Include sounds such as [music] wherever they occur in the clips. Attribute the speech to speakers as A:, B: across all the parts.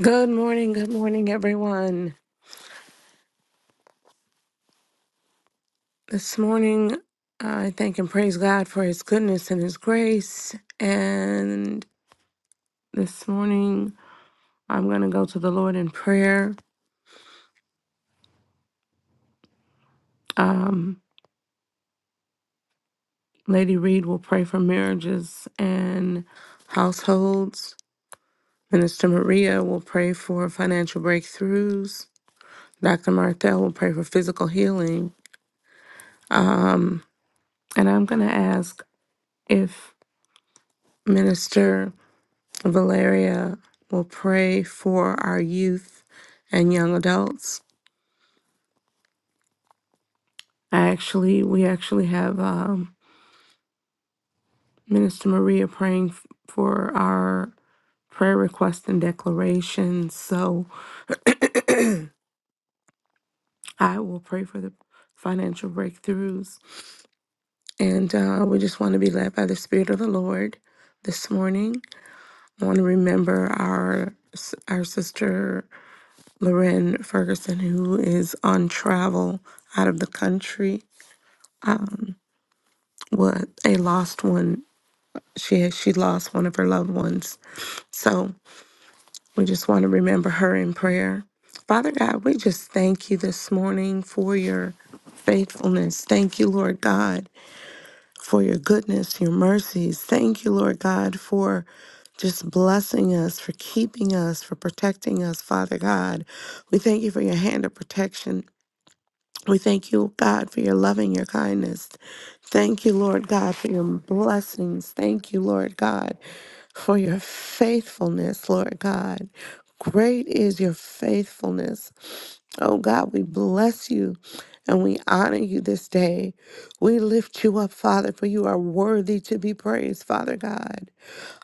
A: Good morning, good morning, everyone. This morning, I thank and praise God for His goodness and His grace. And this morning, I'm going to go to the Lord in prayer. Um, Lady Reed will pray for marriages and households. Minister Maria will pray for financial breakthroughs. Dr. Martha will pray for physical healing. And I'm going to ask if Minister Valeria will pray for our youth and young adults. I actually, we actually have um, Minister Maria praying f- for our prayer requests and declarations. So I will pray for the financial breakthroughs. And uh, we just want to be led by the Spirit of the Lord this morning. I want to remember our our sister Lorraine Ferguson, who is on travel out of the country. what a lost one she had, she lost one of her loved ones. So we just want to remember her in prayer. Father God, we just thank you this morning for your faithfulness. Thank you, Lord God, for your goodness, your mercies. Thank you, Lord God, for just blessing us, for keeping us, for protecting us, Father God. We thank you for your hand of protection we thank you, God, for your loving, your kindness. Thank you, Lord God, for your blessings. Thank you, Lord God, for your faithfulness, Lord God. Great is your faithfulness. Oh God, we bless you and we honor you this day. We lift you up, Father, for you are worthy to be praised, Father God.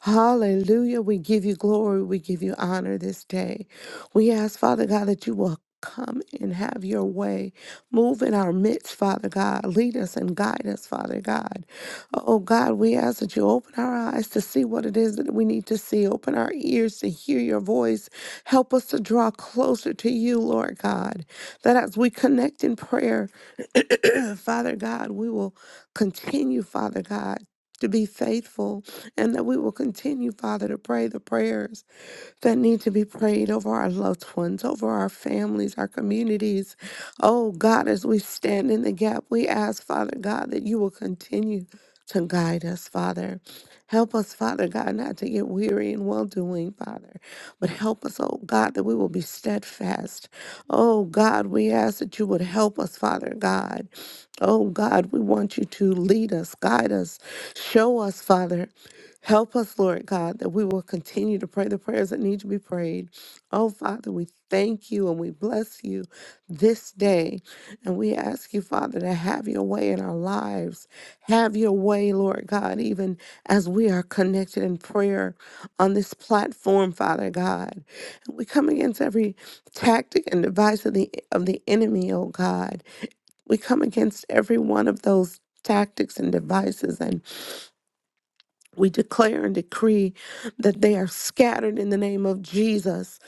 A: Hallelujah. We give you glory. We give you honor this day. We ask, Father God, that you will come and have your your way. Move in our midst, Father God. Lead us and guide us, Father God. Oh God, we ask that you open our eyes to see what it is that we need to see. Open our ears to hear your voice. Help us to draw closer to you, Lord God. That as we connect in prayer, [clears throat] Father God, we will continue, Father God. To be faithful, and that we will continue, Father, to pray the prayers that need to be prayed over our loved ones, over our families, our communities. Oh God, as we stand in the gap, we ask, Father God, that you will continue to guide us, Father. Help us, Father God, not to get weary in well doing, Father. But help us, oh God, that we will be steadfast. Oh God, we ask that you would help us, Father God. Oh God, we want you to lead us, guide us, show us, Father. Help us, Lord God, that we will continue to pray the prayers that need to be prayed prayed. Oh, Father, we thank you and we bless you this day. And we ask you, Father, to have your way in our lives. Have your way, Lord God, even as we are connected in prayer on this platform, Father God. We come against every tactic and device of the of the enemy, oh God. We come against every one of those tactics and devices and we declare and decree that they are scattered in the name of Jesus.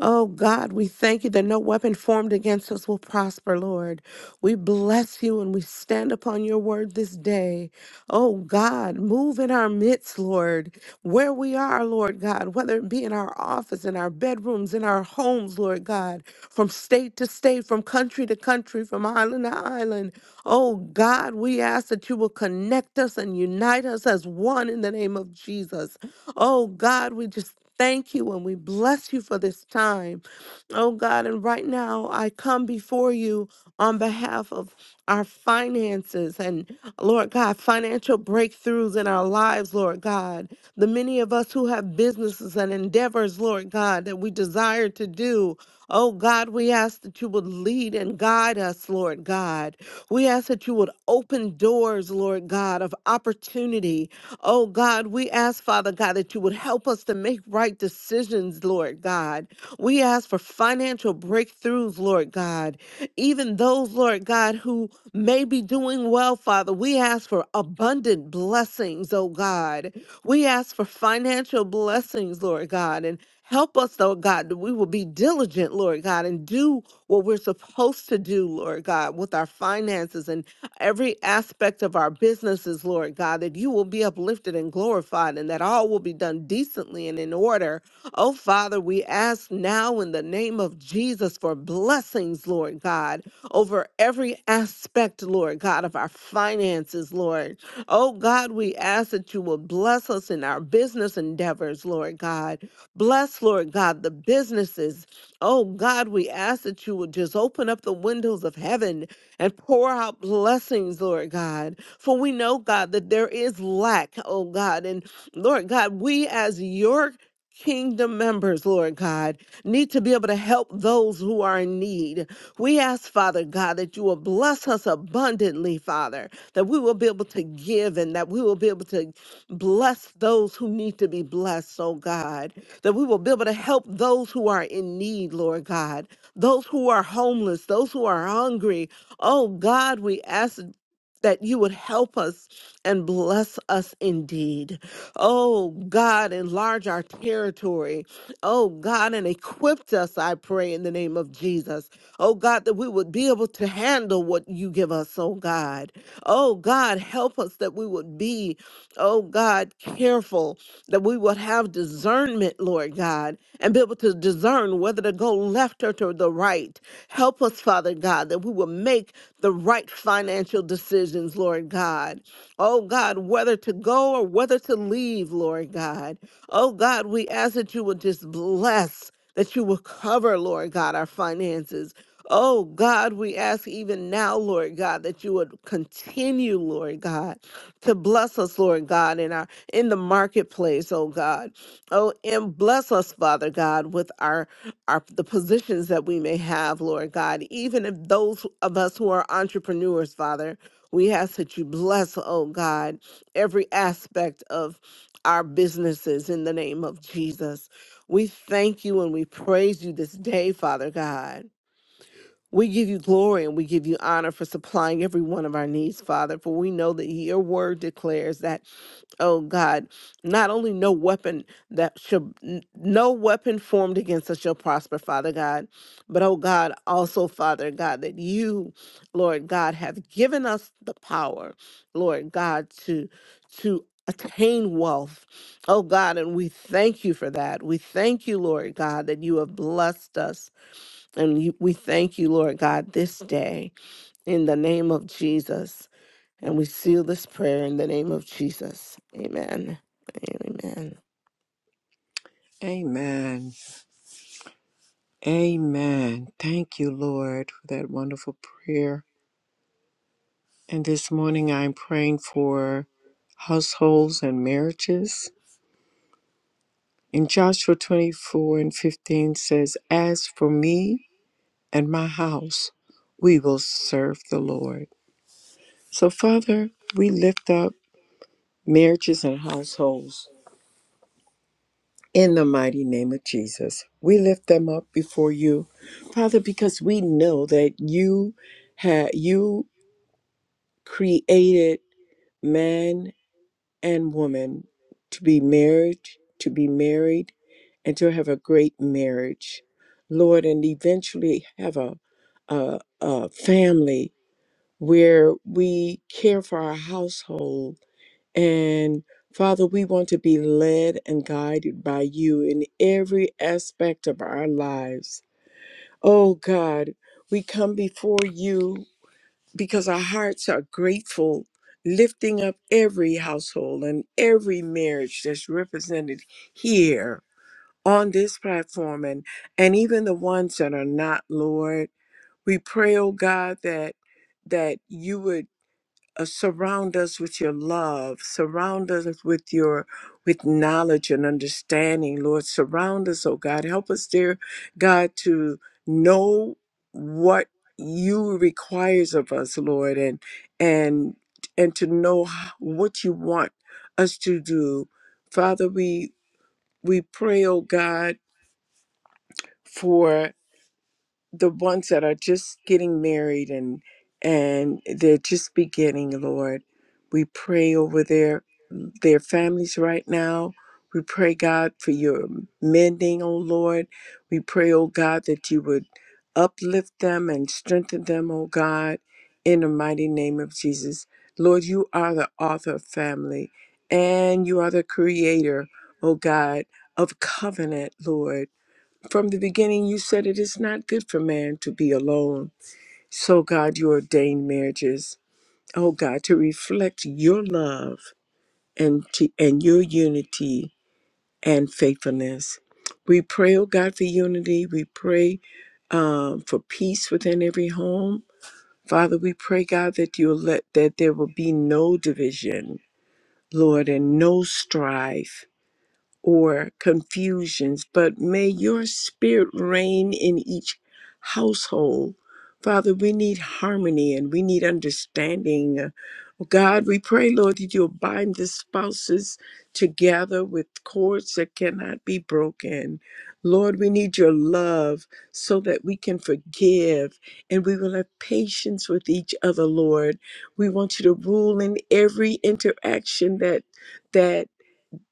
A: Oh God, we thank you that no weapon formed against us will prosper, Lord. We bless you and we stand upon your word this day. Oh God, move in our midst, Lord, where we are, Lord God, whether it be in our office, in our bedrooms, in our homes, Lord God, from state to state, from country to country, from island to island. Oh God, we ask that you will connect us and unite us as one in the name of Jesus. Oh God, we just thank you and we bless you for this time. Oh God, and right now I come before you on behalf of our finances and Lord God, financial breakthroughs in our lives, Lord God. The many of us who have businesses and endeavors, Lord God, that we desire to do. Oh God, we ask that you would lead and guide us, Lord God. We ask that you would open doors, Lord God, of opportunity. Oh God, we ask, Father God, that you would help us to make right decisions, Lord God. We ask for financial breakthroughs, Lord God. Even those, Lord God, who may be doing well, Father, we ask for abundant blessings, oh God. We ask for financial blessings, Lord God, and help us, oh God, that we will be diligent, Lord God, and do what we're supposed to do, Lord God, with our finances and every aspect of our businesses, Lord God, that you will be uplifted and glorified and that all will be done decently and in order. Oh, Father, we ask now in the name of Jesus for blessings, Lord God, over every aspect, Lord God, of our finances, Lord. Oh, God, we ask that you will bless us in our business endeavors, Lord God. Bless, Lord God, the businesses Oh God, we ask that you would just open up the windows of heaven and pour out blessings, Lord God. For we know, God, that there is lack, oh God. And Lord God, we as your kingdom members, Lord God, need to be able to help those who are in need. We ask, Father God, that you will bless us abundantly, Father, that we will be able to give and that we will be able to bless those who need to be blessed, oh God that we will be able to help those who are in need, Lord God, those who are homeless, those who are hungry. Oh God, we ask that you would help us and bless us indeed. Oh God, enlarge our territory. Oh God, and equip us, I pray, in the name of Jesus. Oh God, that we would be able to handle what you give us, oh God. Oh God, help us that we would be, oh God, careful, that we would have discernment, Lord God, and be able to discern whether to go left or to the right. Help us, Father God, that we will make the right financial decisions, Lord God. Oh God, whether to go or whether to leave, Lord God. Oh God, we ask that you would just bless, that you will cover, Lord God, our finances. Oh God, we ask even now, Lord God, that you would continue, Lord God, to bless us, Lord God, in our in the marketplace, oh God. Oh, and bless us, Father God, with our our the positions that we may have, Lord God, even if those of us who are entrepreneurs, Father, we ask that you bless, oh God, every aspect of our businesses in the name of Jesus. We thank you and we praise you this day, Father God. We give you glory and we give you honor for supplying every one of our needs, Father, for we know that your word declares that oh God, not only no weapon that shall, n- no weapon formed against us shall prosper, Father God, but oh God, also, Father God, that you, Lord God, have given us the power, Lord God, to, to, Attain wealth. Oh God, and we thank you for that. We thank you, Lord God, that you have blessed us. And you- we thank you, Lord God, this day in the name of Jesus. And we seal this prayer in the name of Jesus. Amen. Amen.
B: Amen. Amen. Thank you, Lord, for that wonderful prayer. And this morning I'm praying for households and marriages. In Joshua 24 and 15 says, As for me and my house, we will serve the Lord. So, Father, we lift up marriages and households in the mighty name of Jesus. We lift them up before you, Father, because we know that you had you. created man and woman to be married, to be married, and to have a great marriage, Lord, and eventually have a, a, a family where we care for our household. And Father, we want to be led and guided by you in every aspect of our lives. Oh God, we come before you because our hearts are grateful, lifting up every household and every marriage that's represented here on this platform and, and even the ones that are not, Lord. We pray, oh God, that that you would uh, surround us with your love surround us with your with knowledge and understanding lord surround us oh god help us dear god to know what you requires of us lord and and and to know h- what you want us to do father we we pray oh god for the ones that are just getting married and and they're just beginning lord we pray over there their families right now. We pray, God, for your mending, O Lord. We pray, O God, that you would uplift them and strengthen them, O God, in the mighty name of Jesus. Lord, you are the author of family and you are the creator, O God, of covenant, Lord. From the beginning, you said it is not good for man to be alone. So, God, you ordained marriages, oh God, to reflect your love and, to, and your unity and faithfulness. We pray, oh God, for unity. We pray um, for peace within every home. Father, we pray, God, that you'll let that there will be no division, Lord, and no strife or confusions, but may your spirit reign in each household. Father, we need harmony and we need understanding. Uh, God, we pray, Lord, that you'll bind the spouses together with cords that cannot be broken. Lord, we need your love so that we can forgive and we will have patience with each other, Lord. We want you to rule in every interaction that that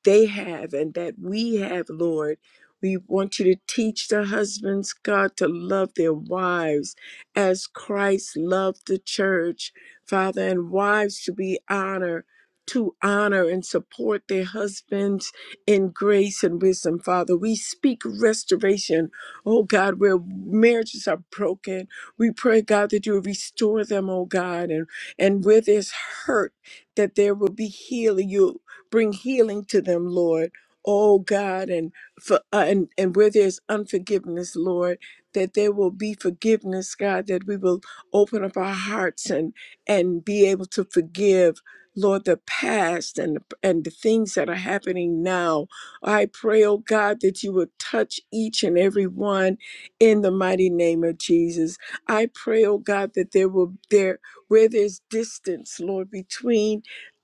B: they have and that we have, Lord. We want you to teach the husbands, God, to love their wives as Christ loved the church, Father, and wives to be honor, to honor and support their husbands in grace and wisdom, Father. We speak restoration, oh God, where marriages are broken. We pray, God, that you will restore them, oh God, and, and where there's hurt, that there will be healing. You Bring healing to them, Lord. Oh God, and for uh, and and where there's unforgiveness, Lord, that there will be forgiveness, God, that we will open up our hearts and and be able to forgive, Lord, the past and and the things that are happening now. I pray, oh God, that you would touch each and every one in the mighty name of Jesus. I pray, oh God, that there will there where there's distance, Lord, between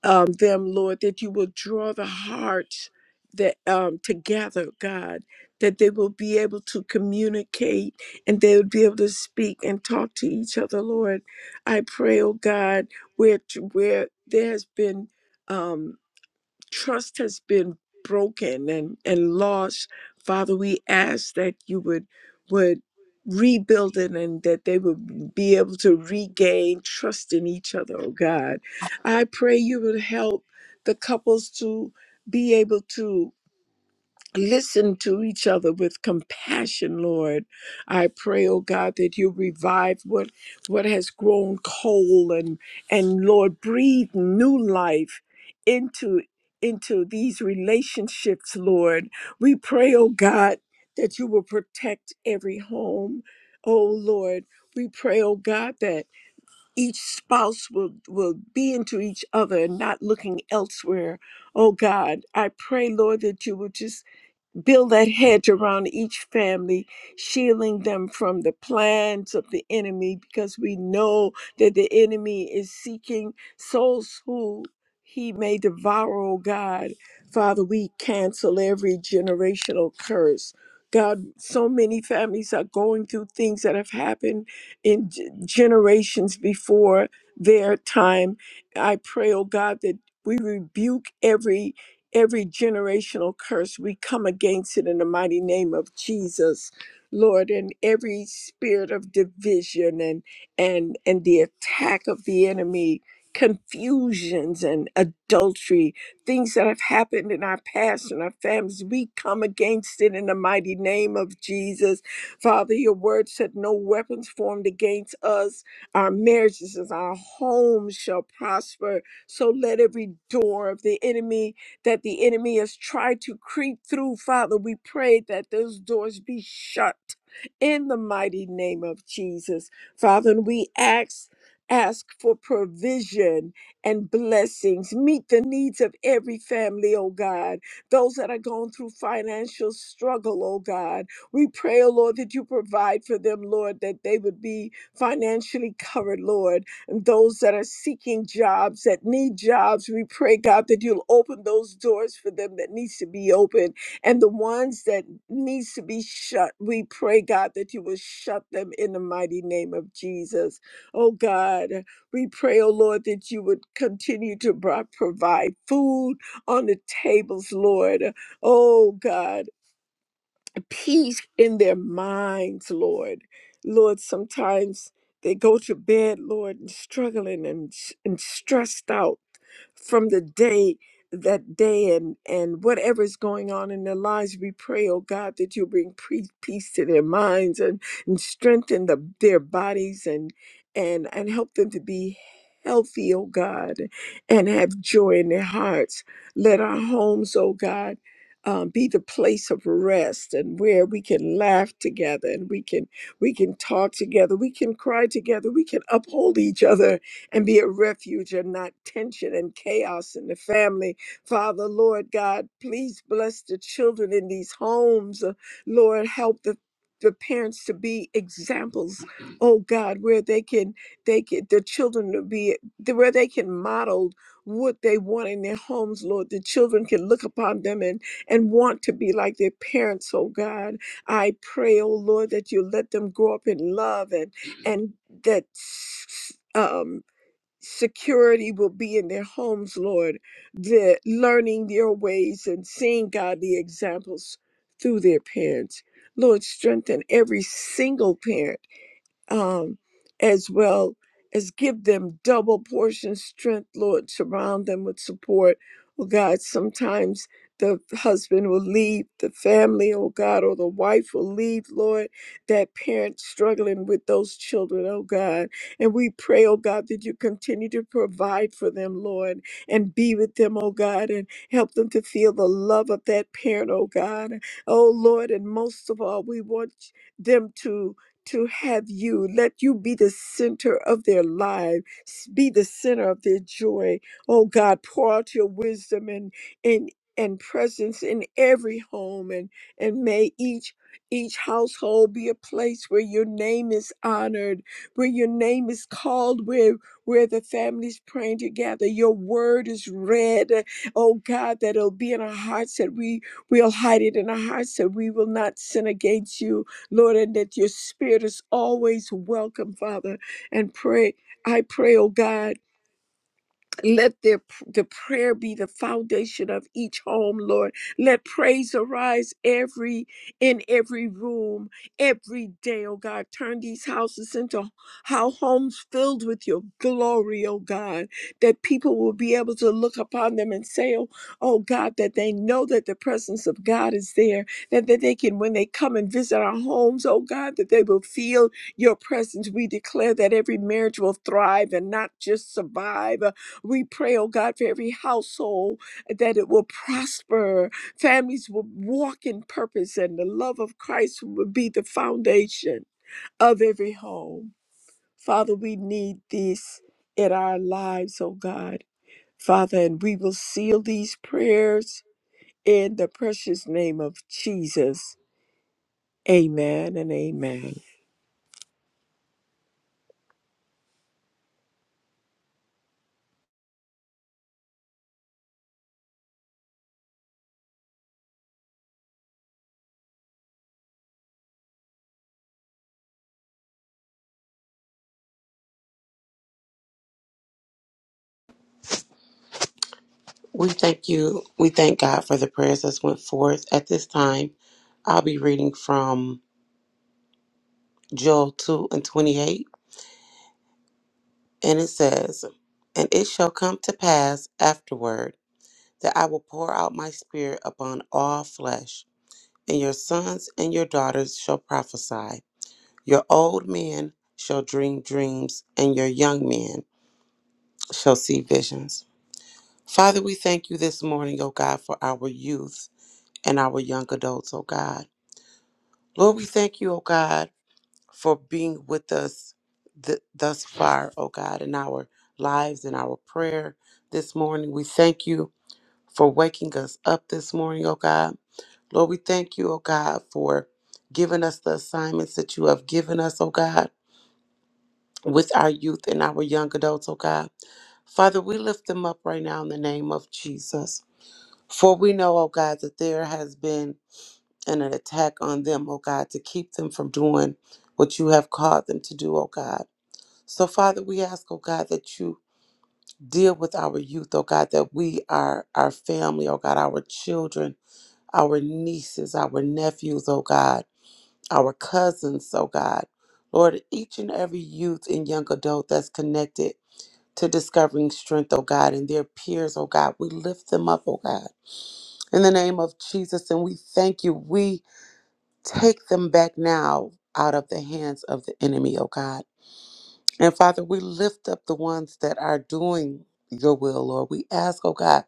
B: um, them, Lord, that you will draw the hearts that um, together, God, that they will be able to communicate and they will be able to speak and talk to each other, Lord. I pray, oh God, where where there has been. Um, trust has been broken and, and lost, Father, we ask that you would would rebuild it and that they would be able to regain trust in each other, oh God. I pray you would help the couples to be able to listen to each other with compassion lord i pray oh god that you revive what what has grown cold and and lord breathe new life into into these relationships lord we pray oh god that you will protect every home oh lord we pray oh god that each spouse will will be into each other and not looking elsewhere oh god i pray lord that you will just Build that hedge around each family, shielding them from the plans of the enemy, because we know that the enemy is seeking souls who he may devour, oh God. Father, we cancel every generational curse. God, so many families are going through things that have happened in g- generations before their time. I pray, oh God, that we rebuke every every generational curse, we come against it in the mighty name of Jesus, Lord, and every spirit of division and and and the attack of the enemy, confusions and adultery, things that have happened in our past and our families, we come against it in the mighty name of Jesus. Father, your word said no weapons formed against us, our marriages and our homes shall prosper. So let every door of the enemy that the enemy has tried to creep through, Father. We pray that those doors be shut in the mighty name of Jesus. Father, and we ask ask for provision and blessings. Meet the needs of every family, oh God. Those that are going through financial struggle, oh God. We pray, oh Lord, that you provide for them, Lord, that they would be financially covered, Lord those that are seeking jobs, that need jobs. We pray, God, that you'll open those doors for them that needs to be open. And the ones that needs to be shut, we pray, God, that you will shut them in the mighty name of Jesus. Oh God, we pray, oh Lord, that you would continue to bro- provide food on the tables, Lord. Oh God, peace in their minds, Lord. Lord, sometimes they go to bed, Lord, and struggling and, and stressed out from the day that day and and whatever is going on in their lives we pray oh god that you bring pre- peace to their minds and, and strengthen the, their bodies and and and help them to be healthy oh god and have joy in their hearts let our homes oh god um, be the place of rest and where we can laugh together and we can we can talk together we can cry together we can uphold each other and be a refuge and not tension and chaos in the family father lord god please bless the children in these homes Uh, lord help the the parents to be examples oh god where they can they can the children to be where they can model what they want in their homes lord the children can look upon them and and want to be like their parents, oh God. I pray, oh Lord, that you let them grow up in love and and that um security will be in their homes, Lord. The learning your ways and seeing godly examples through their parents. Lord, strengthen every single parent um, as well as give them double portion strength, Lord. Surround them with support. Oh God, sometimes the husband will leave the family, oh God, or the wife will leave, Lord, that parent struggling with those children, oh God. And we pray, oh God, that you continue to provide for them, Lord, and be with them, oh God, and help them to feel the love of that parent, oh God. Oh Lord, and most of all, we want them to to have you. Let you be the center of their life, s- be the center of their joy. Oh God, pour out your wisdom and and and presence in every home and and may each each household be a place where your name is honored, where your name is called, where where the family's praying together. Your word is read. Oh God, that it'll be in our hearts that we will hide it in our hearts that we will not sin against you Lord, and that your spirit is always welcome, Father. And pray, I pray, oh God. Let their, p- the prayer be the foundation of each home, Lord. Let praise arise every in every room, every day, oh God. Turn these houses into how homes filled with your glory, oh God. That people will be able to look upon them and say, oh, oh God, that they know that the presence of God is there. That, that they can, when they come and visit our homes, oh God, that they will feel your presence. We declare that every marriage will thrive and not just survive we pray, oh God, for every household that it will prosper. Families will walk in purpose, and the love of Christ will be the foundation of every home. Father, we need this in our lives, oh God. Father, and we will seal these prayers in the precious name of Jesus. Amen and amen.
C: We thank you. We thank God for the prayers that went forth. At this time, I'll be reading from Joel 2 and 28. And it says, And it shall come to pass afterward that I will pour out my spirit upon all flesh, and your sons and your daughters shall prophesy. Your old men shall dream dreams, and your young men shall see visions. Father, we thank you this morning, O God, for our youth and our young adults, O God. Lord, we thank you, O God, for being with us th- thus far, O God, in our lives and our prayer this morning. We thank you for waking us up this morning, O God. Lord, we thank you, O God, for giving us the assignments that you have given us, O God, with our youth and our young adults, O God. Father, we lift them up right now in the name of Jesus. For we know, O God, that there has been and an attack on them, oh God, to keep them from doing what you have called them to do, oh God. So, Father, we ask, oh God, that you deal with our youth, oh God, that we are our family, oh God, our children, our nieces, our nephews, oh God, our cousins, oh God. Lord, each and every youth and young adult that's connected to discovering strength, oh God, and their peers, oh God, we lift them up, oh God. In the name of Jesus, and we thank you. We Take them back now out of the hands of the enemy, oh God. And Father, we lift up the ones that are doing your will, Lord. We ask, oh God,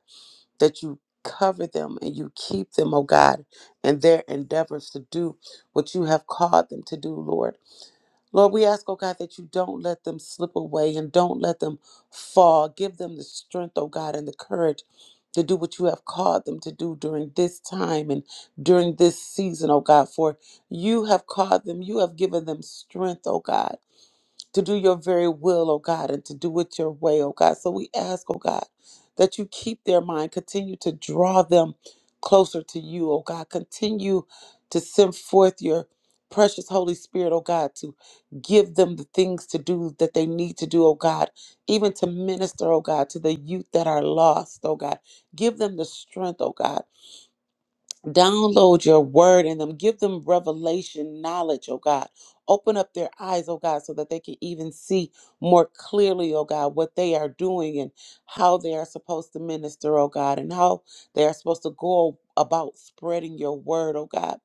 C: that you cover them and you keep them, oh God, in their endeavors to do what you have called them to do, Lord. Lord, we ask, oh God, that you don't let them slip away and don't let them fall. Give them the strength, oh God, and the courage to do what you have called them to do during this time and during this season, oh God, for you have called them, you have given them strength, oh God to do your very will, oh God, and to do it your way, oh God. So we ask, oh God, that you keep their mind, continue to draw them closer to you, oh God. Continue to send forth your precious Holy Spirit, oh God, to give them the things to do that they need to do, oh God, even to minister, oh God, to the youth that are lost, oh God. Give them the strength, oh God download your word in them give them revelation knowledge oh god open up their eyes oh god so that they can even see more clearly oh god what they are doing and how they are supposed to minister oh god and how they are supposed to go about spreading your word oh god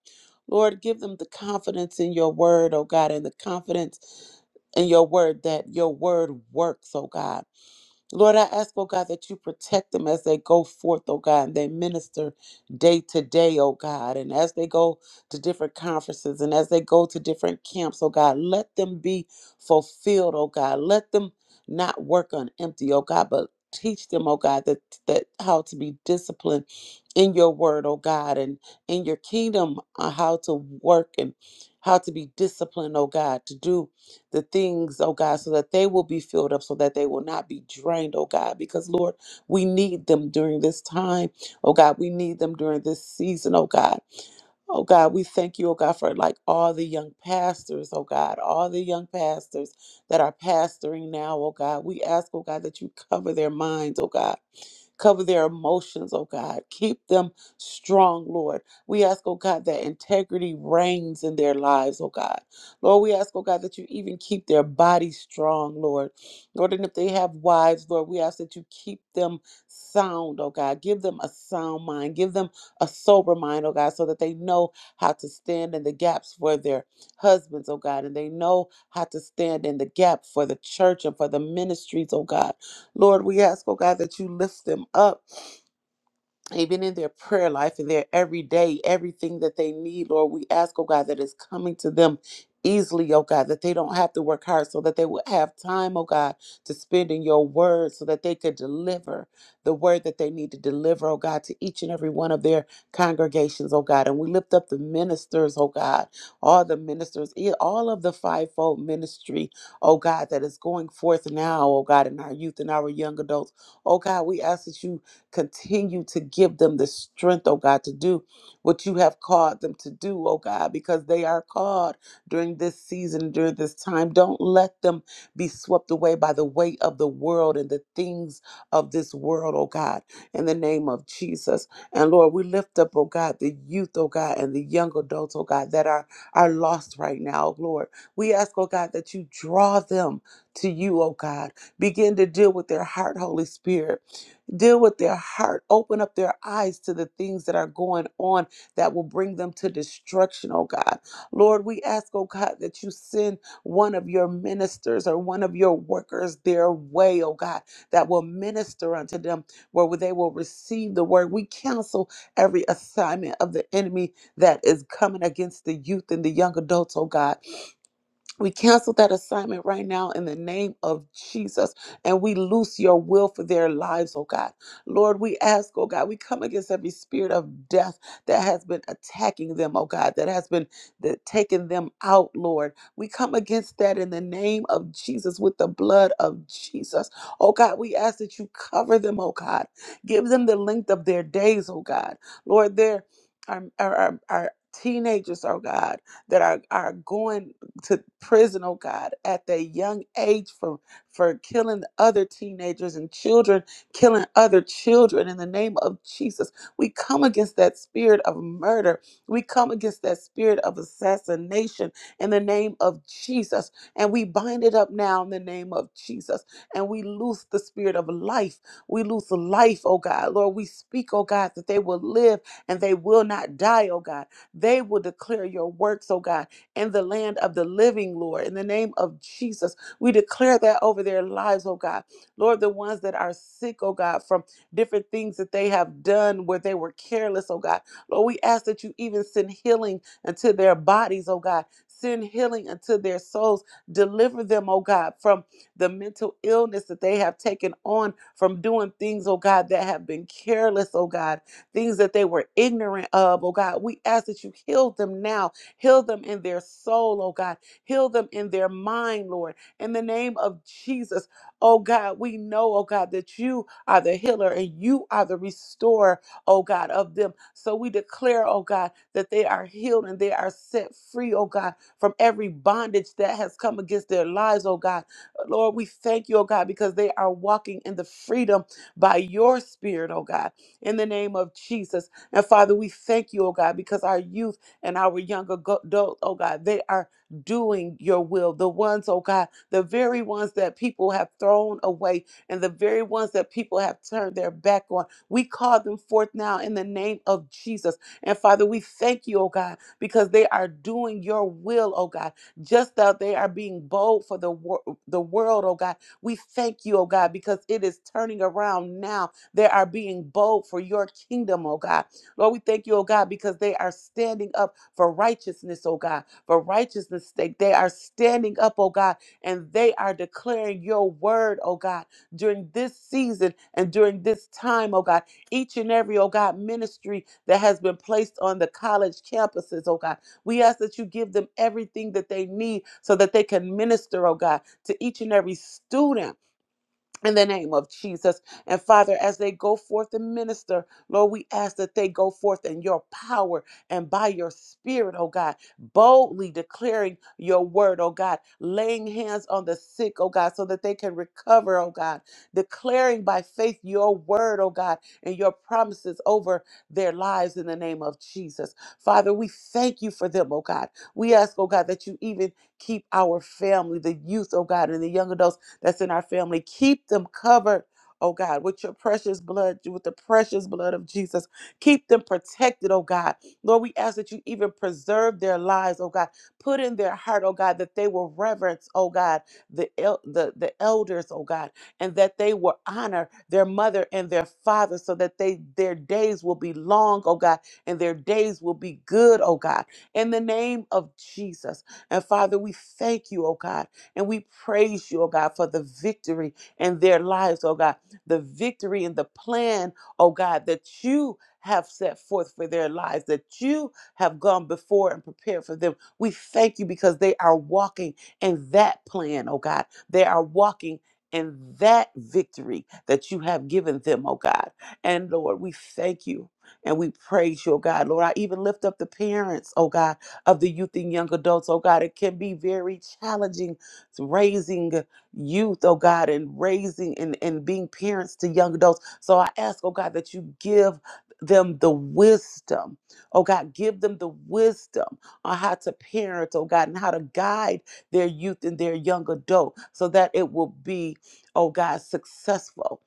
C: lord give them the confidence in your word oh god and the confidence in your word that your word works oh god Lord, I ask, oh God, that you protect them as they go forth, oh God, and they minister day to day, oh God. And as they go to different conferences and as they go to different camps, oh God, let them be fulfilled, oh God. Let them not work on empty, oh God, but teach them, oh God, that, that how to be disciplined in your word, oh God, and in your kingdom, uh, how to work and how to be disciplined, oh God, to do the things, oh God, so that they will be filled up, so that they will not be drained, oh God, because Lord, we need them during this time, oh God, we need them during this season, oh God. Oh God, we thank you, oh God, for like all the young pastors, oh God, all the young pastors that are pastoring now, oh God. We ask, oh God, that you cover their minds, oh God. Cover their emotions, oh God. Keep them strong, Lord. We ask, oh God, that integrity reigns in their lives, oh God. Lord, we ask, oh God, that you even keep their bodies strong, Lord. Lord, and if they have wives, Lord, we ask that you keep them sound, oh God. Give them a sound mind. Give them a sober mind, oh God, so that they know how to stand in the gaps for their husbands, oh God, and they know how to stand in the gap for the church and for the ministries, oh God. Lord, we ask, oh God, that you lift them up even in their prayer life in their everyday, everything that they need, Lord, we ask, oh God, that is coming to them easily, oh God, that they don't have to work hard so that they will have time, oh God, to spend in your word so that they could deliver the word that they need to deliver, oh God, to each and every one of their congregations, oh God. And we lift up the ministers, oh God, all the ministers, e- all of the fivefold ministry, oh God, that is going forth now, oh God, in our youth and our young adults. Oh God, we ask that you Continue to give them the strength, oh God, to do what you have called them to do, oh God, because they are called during this season, during this time. Don't let them be swept away by the weight of the world and the things of this world, oh God, in the name of Jesus. And Lord, we lift up, oh God, the youth, oh God, and the young adults, oh God, that are, are lost right now, Lord. We ask, oh God, that you draw them to you, oh God. Begin to deal with their heart, Holy Spirit Deal with their heart. Open up their eyes to the things that are going on that will bring them to destruction, oh God. Lord, we ask, oh God, that you send one of your ministers or one of your workers their way, oh God, that will minister unto them where they will receive the word. We cancel every assignment of the enemy that is coming against the youth and the young adults, oh God. We cancel that assignment right now in the name of Jesus, and we loose your will for their lives, oh God. Lord, we ask, oh God, we come against every spirit of death that has been attacking them, oh God, that has been that taking them out, Lord. We come against that in the name of Jesus with the blood of Jesus. Oh God, we ask that you cover them, oh God. Give them the length of their days, oh God. Lord, there are, are, are, are teenagers, oh God that are, are going to prison, oh God, at their young age for, for killing other teenagers and children, killing other children in the name of Jesus. We come against that spirit of murder. We come against that spirit of assassination in the name of Jesus. And we bind it up now in the name of Jesus. And we loose the spirit of life. We loose life, oh God. Lord, we speak, oh God, that they will live and they will not die, oh God. They will declare your works, oh God in the land of the living, Lord. In the name of Jesus, we declare that over their lives, oh God. Lord, the ones that are sick, oh God, from different things that they have done where they were careless, oh God. Lord, we ask that you even send healing unto their bodies, oh God. Send healing unto their souls. Deliver them, oh God, from the mental illness that they have taken on from doing things, oh God, that have been careless, oh God, things that they were ignorant of, oh God. We ask that you heal them now Heal them in their soul, oh God. Heal them in their mind, Lord. In the name of Jesus, oh God, we know, oh God, that you are the healer and you are the restorer, oh God, of them. So we declare, oh God, that they are healed and they are set free, oh God, from every bondage that has come against their lives, oh God. Lord, we thank you, oh God, because they are walking in the freedom by your spirit, oh God, in the name of Jesus. And Father, we thank you, oh God, because our youth and our young ago- adult, oh God, they are doing your will. The ones, oh God, the very ones that people have thrown away and the very ones that people have turned their back on. We call them forth now in the name of Jesus. And Father, we thank you, oh God, because they are doing your will, oh God. Just that they are being bold for the, wor- the world, oh God. We thank you, oh God, because it is turning around now. They are being bold for your kingdom, oh God. Lord, we thank you, oh God, because they are standing up for righteousness, oh God, for righteousness' sake. They are standing up, oh God, and they are declaring your word, oh God, during this season and during this time, oh God. Each and every, oh God, ministry that has been placed on the college campuses, oh God. We ask that you give them everything that they need so that they can minister, oh God, to each and every student in the name of Jesus. And Father, as they go forth and minister, Lord, we ask that they go forth in your power and by your spirit, oh God, boldly declaring your word, oh God, laying hands on the sick, oh God, so that they can recover, oh God, declaring by faith your word, oh God, and your promises over their lives in the name of Jesus. Father, we thank you for them, oh God. We ask, oh God, that you even keep our family, the youth, oh God, and the young adults that's in our family. Keep them covered, oh God, with your precious blood, with the precious blood of Jesus. Keep them protected, oh God. Lord, we ask that you even preserve their lives, oh God. Put in their heart, oh God, that they will reverence, oh God, the el- the, the elders, oh God, and that they will honor their mother and their father so that they their days will be long, oh God, and their days will be good, oh God. In the name of Jesus. And Father, we thank you, oh God. And we praise you, oh God, for the victory in their lives, oh God, the victory and the plan, oh God, that you have set forth for their lives, that you have gone before and prepared for them. We thank you because they are walking in that plan, oh God. They are walking in that victory that you have given them, oh God. And Lord, we thank you and we praise you, oh God. Lord, I even lift up the parents, oh God, of the youth and young adults, oh God. It can be very challenging raising youth, oh God, and raising and, and being parents to young adults. So I ask, oh God, that you give them the wisdom, oh God, give them the wisdom on how to parent, oh God, and how to guide their youth and their young adult so that it will be, oh God, successful.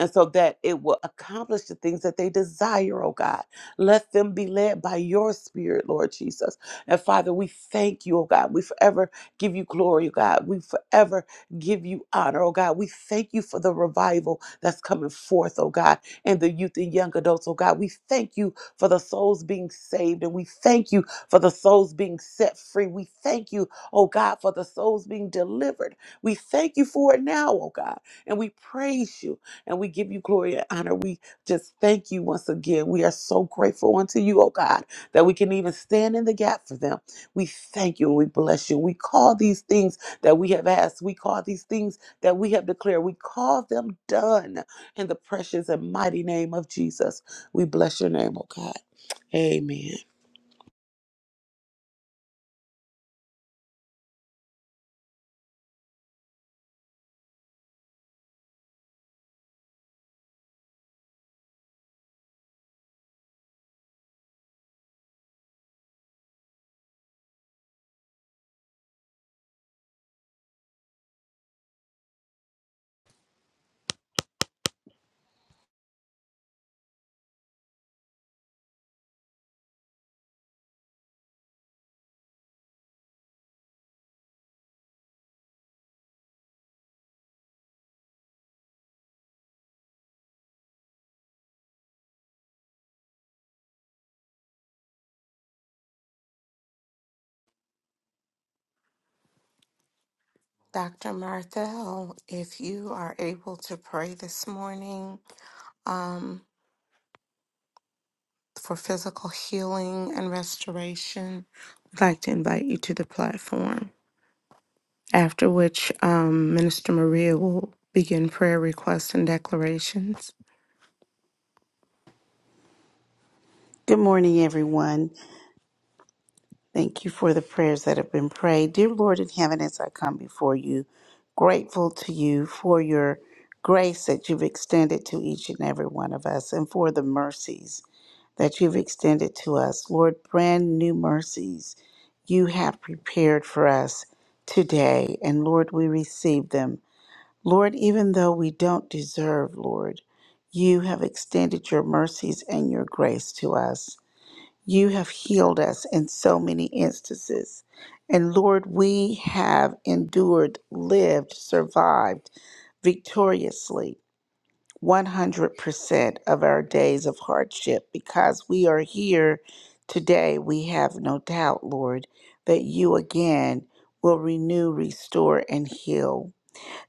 C: And so that it will accomplish the things that they desire, oh God. Let them be led by your spirit, Lord Jesus. And Father, we thank you, oh God. We forever give you glory, oh God. We forever give you honor, oh God. We thank you for the revival that's coming forth, oh God, and the youth and young adults, oh God. We thank you for the souls being saved, and we thank you for the souls being set free. We thank you, oh God, for the souls being delivered. We thank you for it now, oh God, and we praise you and we give you glory and honor. We just thank you once again. We are so grateful unto you, oh God, that we can even stand in the gap for them. We thank you and we bless you. We call these things that we have asked. We call these things that we have declared. We call them done in the precious and mighty name of Jesus. We bless your name, oh God. Amen.
A: Dr. Marthel, if you are able to pray this morning um, for physical healing and restoration, I'd like to invite you to the platform. After which, um, Minister Maria will begin prayer requests and declarations.
D: Good morning, everyone. Thank you for the prayers that have been prayed. Dear Lord in heaven, as I come before you, grateful to you for your grace that you've extended to each and every one of us and for the mercies that you've extended to us. Lord, brand new mercies you have prepared for us today. And Lord, we receive them. Lord, even though we don't deserve, Lord, you have extended your mercies and your grace to us. You have healed us in so many instances. And Lord, we have endured, lived, survived victoriously 100% of our days of hardship because we are here today. We have no doubt, Lord, that you again will renew, restore, and heal.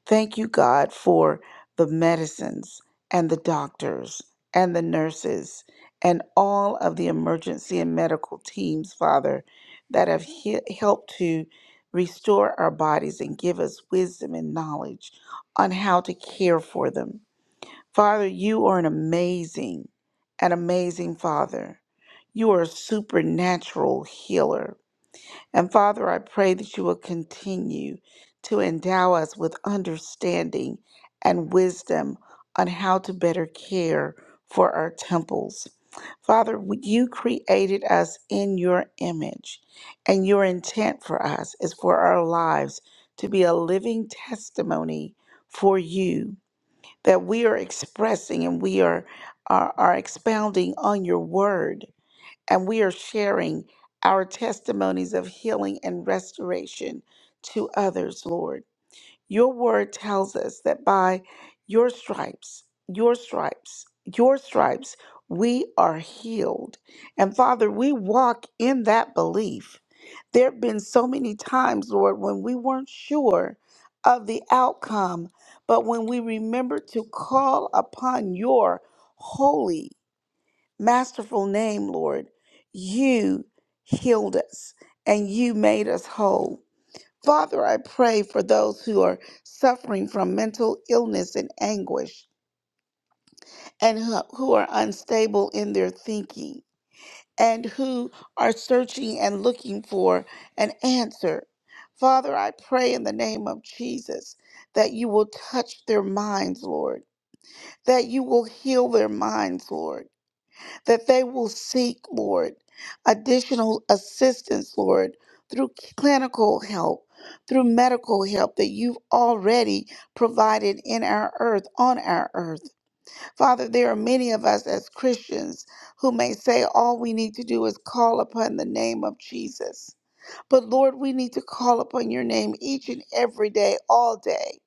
D: Thank you, God, for the medicines and the doctors and the nurses and all of the emergency and medical teams, Father, that have he- helped to restore our bodies and give us wisdom and knowledge on how to care for them. Father, you are an amazing, an amazing Father. You are a supernatural healer. And Father, I pray that you will continue to endow us with understanding and wisdom on how to better care for our temples. Father, w- you created us in your image, and your intent for us is for our lives to be a living testimony for you, that we are expressing and we are, are, are expounding on your word and we are sharing our testimonies of healing and restoration to others, Lord. Your word tells us that by your stripes, your stripes, your stripes, we are healed. And Father, we walk in that belief. There have been so many times, Lord, when we weren't sure of the outcome, but when we remember to call upon your holy masterful name, Lord, you healed us and you made us whole. Father, I pray for those who are suffering from mental illness and anguish and who who are unstable in their thinking and who are searching and looking for an answer. Father, I pray in the name of Jesus that you will touch their minds, Lord, that you will heal their minds, Lord that they will seek, Lord, additional assistance, Lord, through clinical help, through medical help that you've already provided in our earth, on our earth. Father, there are many of us as Christians who may say all we need to do is call upon the name of Jesus. But Lord, we need to call upon your name each and every day, all day.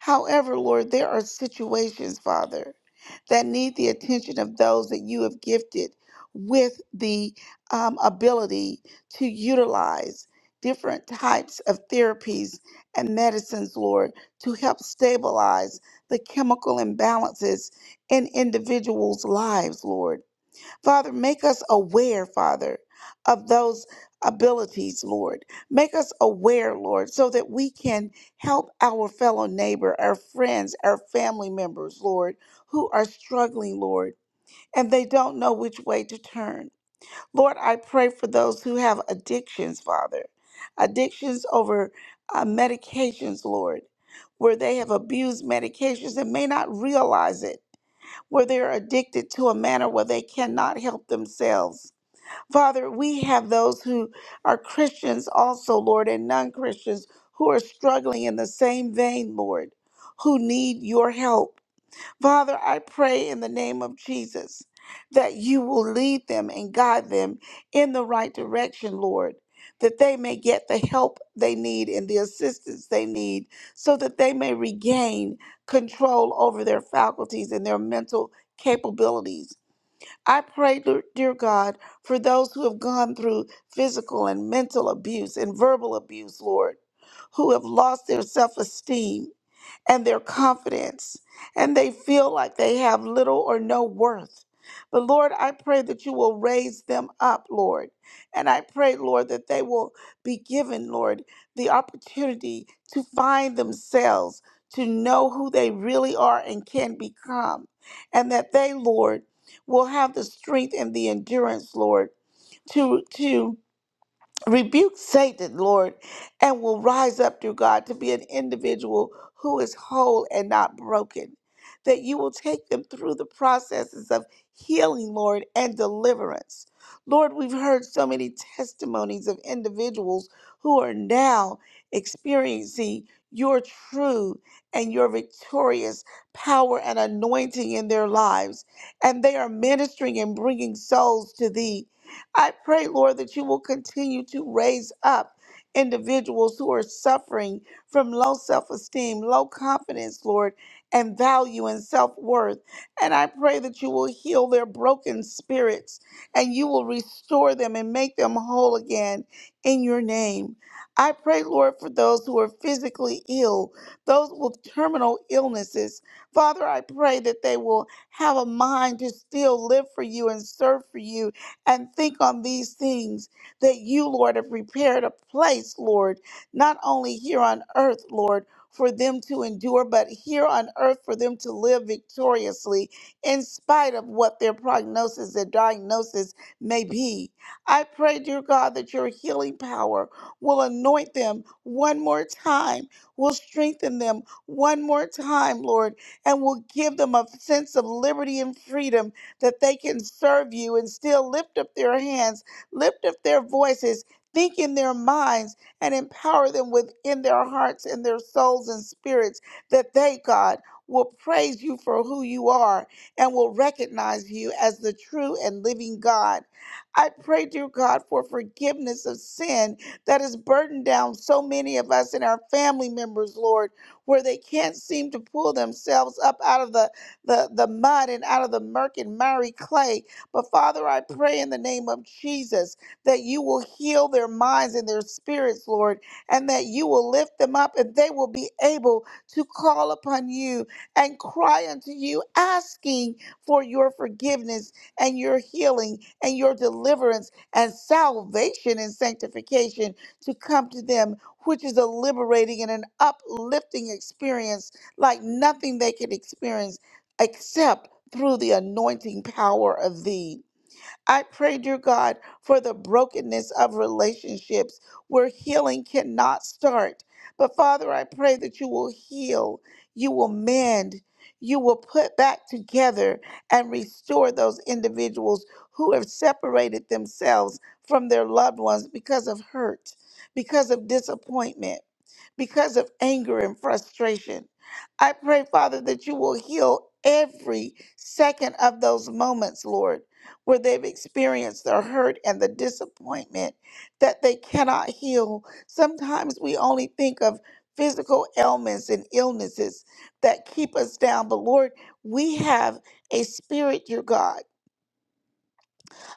D: However, Lord, there are situations, Father, that need the attention of those that you have gifted with the um, ability to utilize different types of therapies and medicines, Lord, to help stabilize the chemical imbalances in individuals' lives, Lord. Father, make us aware, Father, of those abilities, Lord. Make us aware, Lord, so that we can help our fellow neighbor, our friends, our family members, Lord, who are struggling, Lord, and they don't know which way to turn. Lord, I pray for those who have addictions, Father, addictions over uh, medications, Lord, where they have abused medications and may not realize it where they're addicted to a manner where they cannot help themselves. Father, we have those who are Christians also, Lord, and non Christians who are struggling in the same vein, Lord, who need your help. Father, I pray in the name of Jesus that you will lead them and guide them in the right direction, Lord, that they may get the help they need and the assistance they need so that they may regain control over their faculties and their mental capabilities. I pray, dear dear God, for those who have gone through physical and mental abuse and verbal abuse, Lord, who have lost their self esteem and their confidence, and they feel like they have little or no worth. But Lord, I pray that you will raise them up, Lord. And I pray, Lord, that they will be given, Lord, the opportunity to find themselves, to know who they really are and can become. And that they, Lord, will have the strength and the endurance, Lord, to to rebuke Satan, Lord, and will rise up through God to be an individual who is whole and not broken. That you will take them through the processes of healing, Lord, and deliverance. Lord, we've heard so many testimonies of individuals who are now experiencing your true and your victorious power and anointing in their lives. And they are ministering and bringing souls to thee I pray, Lord, that you will continue to raise up individuals who are suffering from low self esteem, low confidence, Lord, and value and self worth. And I pray that you will heal their broken spirits and you will restore them and make them whole again in your name. I pray, Lord, for those who are physically ill, those with terminal illnesses. Father, I pray that they will have a mind to still live for you and serve for you and think on these things that you, Lord, have prepared a place, Lord, not only here on earth, Lord, for them to endure, but here on earth for them to live victoriously in spite of what their prognosis, their diagnosis may be. I pray, dear God, that your healing power will anoint them one more time, will strengthen them one more time, Lord, and will give them a sense of liberty and freedom that they can serve you and still lift up their hands, lift up their voices, think in their minds, and empower them within their hearts and their souls and spirits that they, God, will praise you for who you are and will recognize you as the true and living God. I pray, dear God, for forgiveness of sin that has burdened down so many of us and our family members, Lord, where they can't seem to pull themselves up out of the the, the mud and out of the murk and miry clay. But Father, I pray in the name of Jesus that you will heal their minds and their spirits, Lord, and that you will lift them up and they will be able to call upon you and cry unto you, asking for your forgiveness and your healing and your deliverance and salvation and sanctification to come to them, which is a liberating and an uplifting experience like nothing they could experience except through the anointing power of thee. I pray, dear God, for the brokenness of relationships where healing cannot start. But Father, I pray that you will heal, you will mend, you will put back together and restore those individuals who have separated themselves from their loved ones because of hurt, because of disappointment, because of anger and frustration. I pray, Father, that you will heal every second of those moments, Lord where they've experienced the hurt and the disappointment that they cannot heal. Sometimes we only think of physical ailments and illnesses that keep us down, but Lord, we have a spirit, your God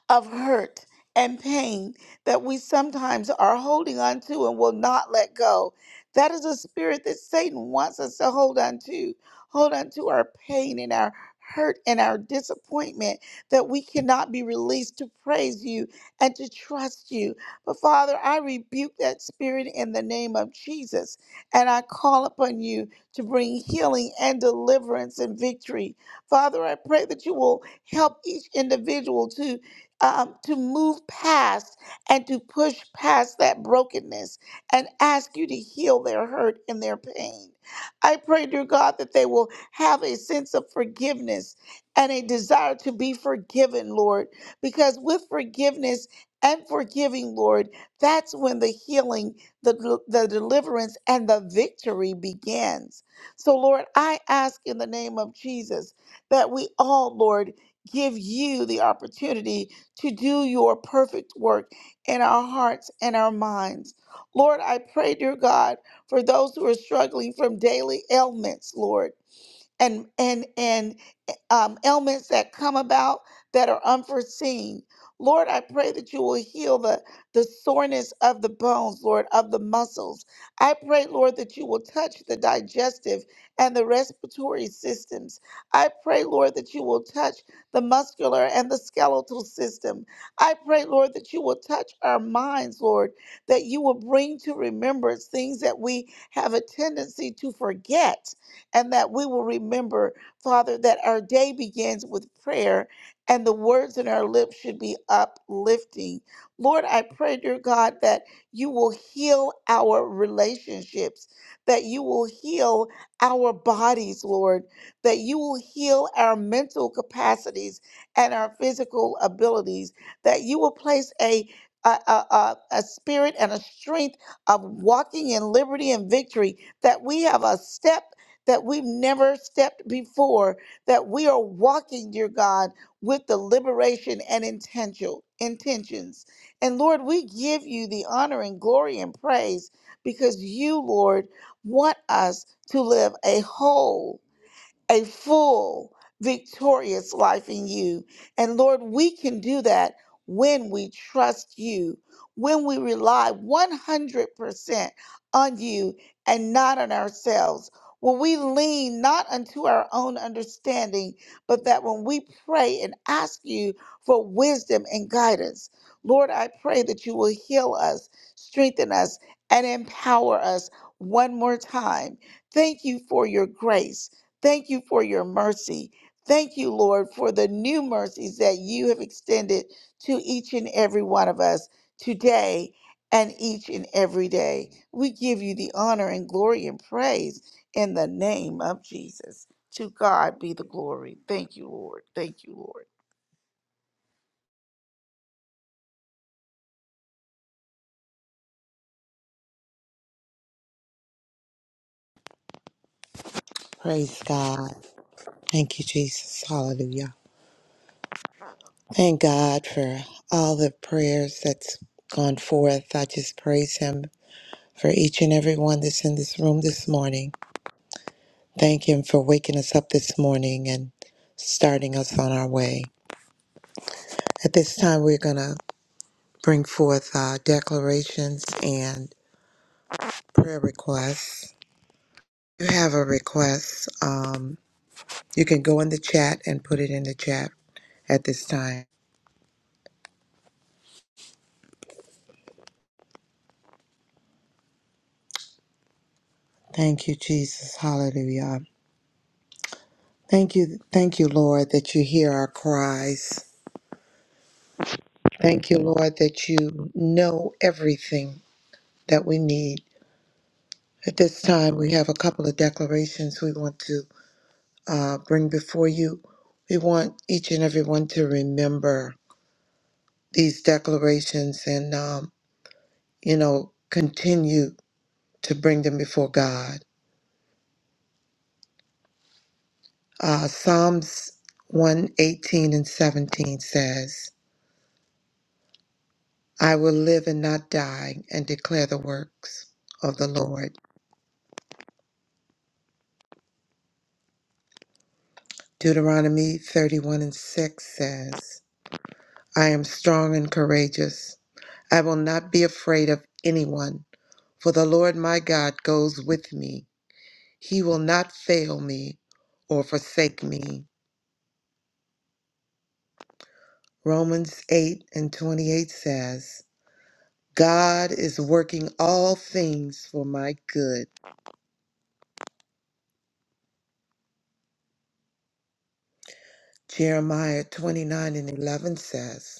D: of hurt and pain that we sometimes are holding on to and will not let go. That is a spirit that Satan wants us to hold on to. Hold on to our pain and our hurt and our disappointment that we cannot be released to praise you and to trust you. But Father, I rebuke that spirit in the name of Jesus and I call upon you to bring healing and deliverance and victory. Father, I pray that you will help each individual to um, to move past and to push past that brokenness and ask you to heal their hurt and their pain. I pray, dear God, that they will have a sense of forgiveness and a desire to be forgiven, Lord, because with forgiveness and forgiving, Lord, that's when the healing, the, the deliverance, and the victory begins. So, Lord, I ask in the name of Jesus that we all, Lord, give you the opportunity to do your perfect work in our hearts and our minds. Lord, I pray, dear God, for those who are struggling from daily ailments, Lord and and and um, ailments that come about that are unforeseen. Lord, I pray that you will heal the, the soreness of the bones, Lord, of the muscles. I pray, Lord, that you will touch the digestive and the respiratory systems. I pray, Lord, that you will touch the muscular and the skeletal system. I pray, Lord, that you will touch our minds, Lord, that you will bring to remembrance things that we have a tendency to forget and that we will remember, Father, that our day begins with prayer and the words in our lips should be uplifting. Lord, I pray, dear God, that you will heal our relationships, that you will heal our bodies, Lord, that you will heal our mental capacities and our physical abilities, that you will place a a, a, a a spirit and a strength of walking in liberty and victory, that we have a step that we've never stepped before, that we are walking, dear God, with the liberation and intention, intentions. And Lord, we give you the honor and glory and praise because you, Lord, want us to live a whole a full, victorious life in you. And Lord, we can do that when we trust you, when we rely 100% on you and not on ourselves. When we lean not unto our own understanding, but that when we pray and ask you for wisdom and guidance, Lord, I pray that you will heal us, strengthen us, and empower us one more time. Thank you for your grace. Thank you for your mercy. Thank you, Lord, for the new mercies that you have extended to each and every one of us today and each and every day. We give you the honor and glory and praise in the name of Jesus. To God be the glory. Thank you, Lord. Thank you, Lord.
E: Praise God. Thank you, Jesus. Hallelujah. Thank God for all the prayers that's gone forth. I just praise Him for each and every one that's in this room this morning. Thank Him for waking us up this morning and starting us on our way. At this time, we're going to bring forth uh, declarations and prayer requests. If you have a request, um, you can go in the chat and put it in the chat at this time. Thank you, Jesus. Hallelujah. Thank you, thank you, Lord, that you hear our cries. Thank you, Lord, that you know everything that we need. At this time, we have a couple of declarations we want to uh, bring before you. We want each and everyone to remember these declarations and, um, you know, continue to bring them before God. Uh, Psalms 118 and 17 says, I will live and not die and declare the works of the Lord. Deuteronomy 31 and 6 says, I am strong and courageous. I will not be afraid of anyone, for the Lord my God goes with me. He will not fail me or forsake me. Romans 8 and 28 says, God is working all things for my good. Jeremiah 29 and 11 says,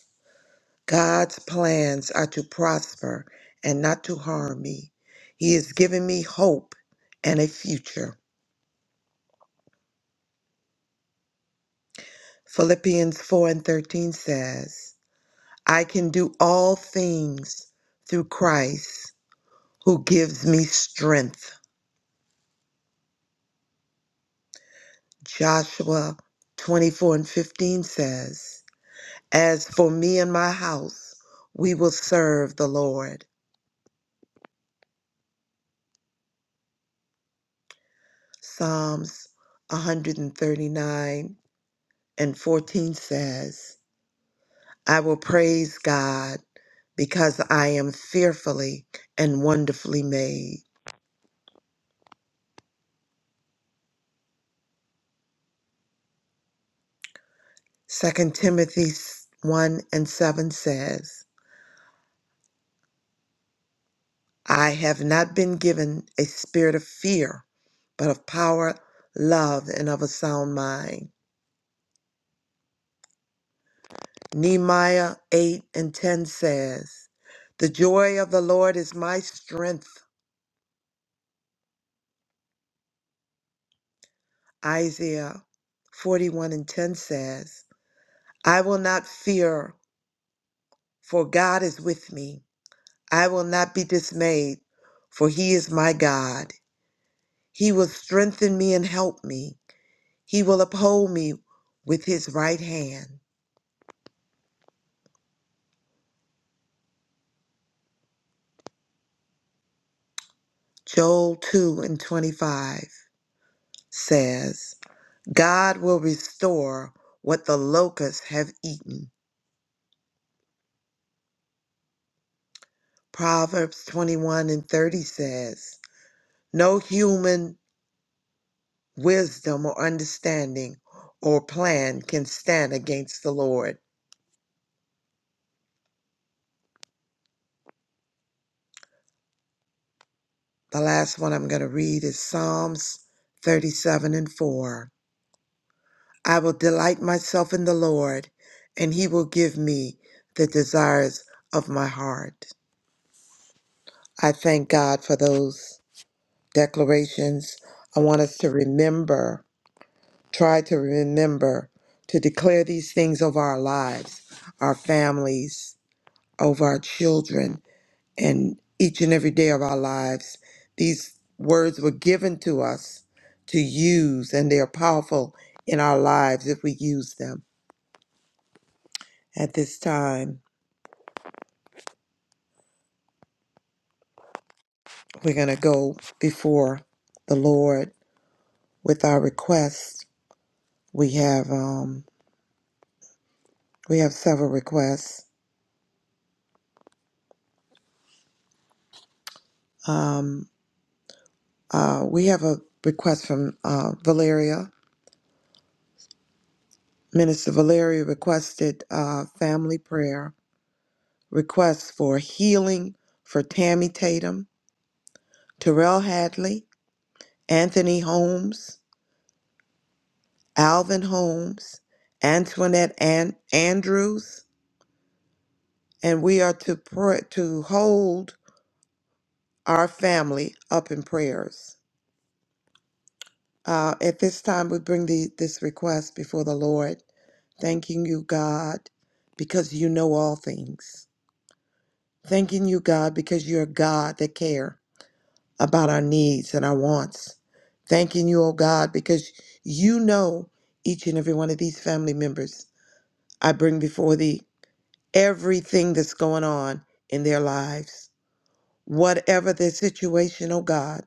E: God's plans are to prosper and not to harm me. He has given me hope and a future. Philippians 4 and 13 says, I can do all things through Christ who gives me strength. Joshua 24 and 15 says, As for me and my house, we will serve the Lord. Psalms 139 and 14 says, I will praise God because I am fearfully and wonderfully made. Second Timothy 1 and 7 says, I have not been given a spirit of fear, but of power, love, and of a sound mind. Nehemiah 8 and 10 says, The joy of the Lord is my strength. Isaiah 41 and 10 says, I will not fear, for God is with me. I will not be dismayed, for he is my God. He will strengthen me and help me. He will uphold me with his right hand. Joel 2 and 25 says, God will restore what the locusts have eaten. Proverbs 21 and 30 says, No human wisdom or understanding or plan can stand against the Lord. The last one I'm going to read is Psalms 37 and 4. I will delight myself in the Lord, and he will give me the desires of my heart. I thank God for those declarations. I want us to remember, try to remember, to declare these things over our lives, our families, over our children, and each and every day of our lives. These words were given to us to use, and they are powerful in our lives if we use them. At this time, we're going to go before the Lord with our requests. We have um, we have several requests. Um, uh, we have a request from uh, Valeria. Minister Valeria requested uh, family prayer requests for healing for Tammy Tatum Terrell Hadley, Anthony Holmes, Alvin Holmes, Antoinette An- Andrews, and we are to pray, to hold our family up in prayers. Uh, at this time, we bring the, this request before the Lord, thanking you, God, because you know all things. Thanking you, God, because you're a God that care about our needs and our wants. Thanking you, oh God, because you know each and every one of these family members I bring before thee everything that's going on in their lives. Whatever their situation, oh God,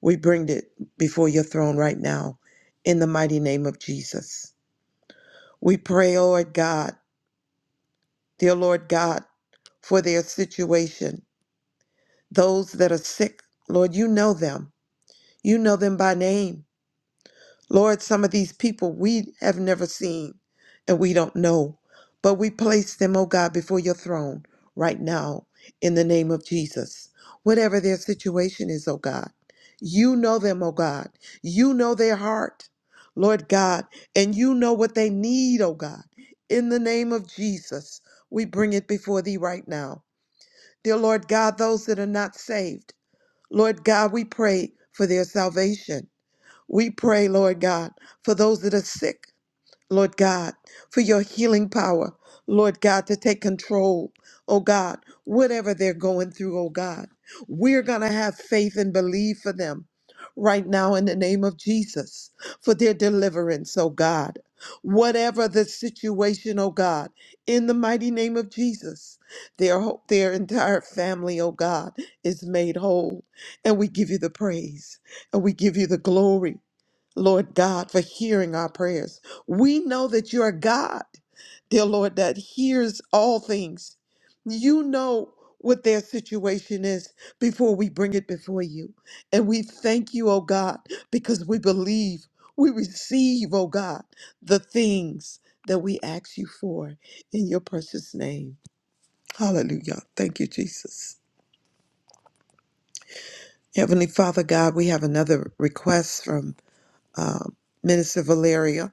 E: we bring it before your throne right now in the mighty name of Jesus. We pray, oh Lord God, dear Lord God, for their situation. Those that are sick, Lord, you know them. You know them by name. Lord, some of these people we have never seen and we don't know, but we place them, oh God, before your throne right now in the name of Jesus. Whatever their situation is, oh God, you know them, oh God. You know their heart, Lord God, and you know what they need, oh God. In the name of Jesus, we bring it before thee right now. Dear Lord God, those that are not saved, Lord God, we pray for their salvation. We pray, Lord God, for those that are sick, Lord God, for your healing power, Lord God, to take control, oh God, whatever they're going through, oh God. We're going to have faith and believe for them right now in the name of Jesus for their deliverance, oh God. Whatever the situation, oh God, in the mighty name of Jesus, their, whole- their entire family, oh God, is made whole. And we give you the praise and we give you the glory Lord God, for hearing our prayers. We know that you are God, dear Lord, that hears all things. You know what their situation is before we bring it before you. And we thank you, oh God, because we believe, we receive, oh God, the things that we ask you for in your precious name. Hallelujah. Thank you, Jesus. Heavenly Father God, we have another request from um, Minister Valeria.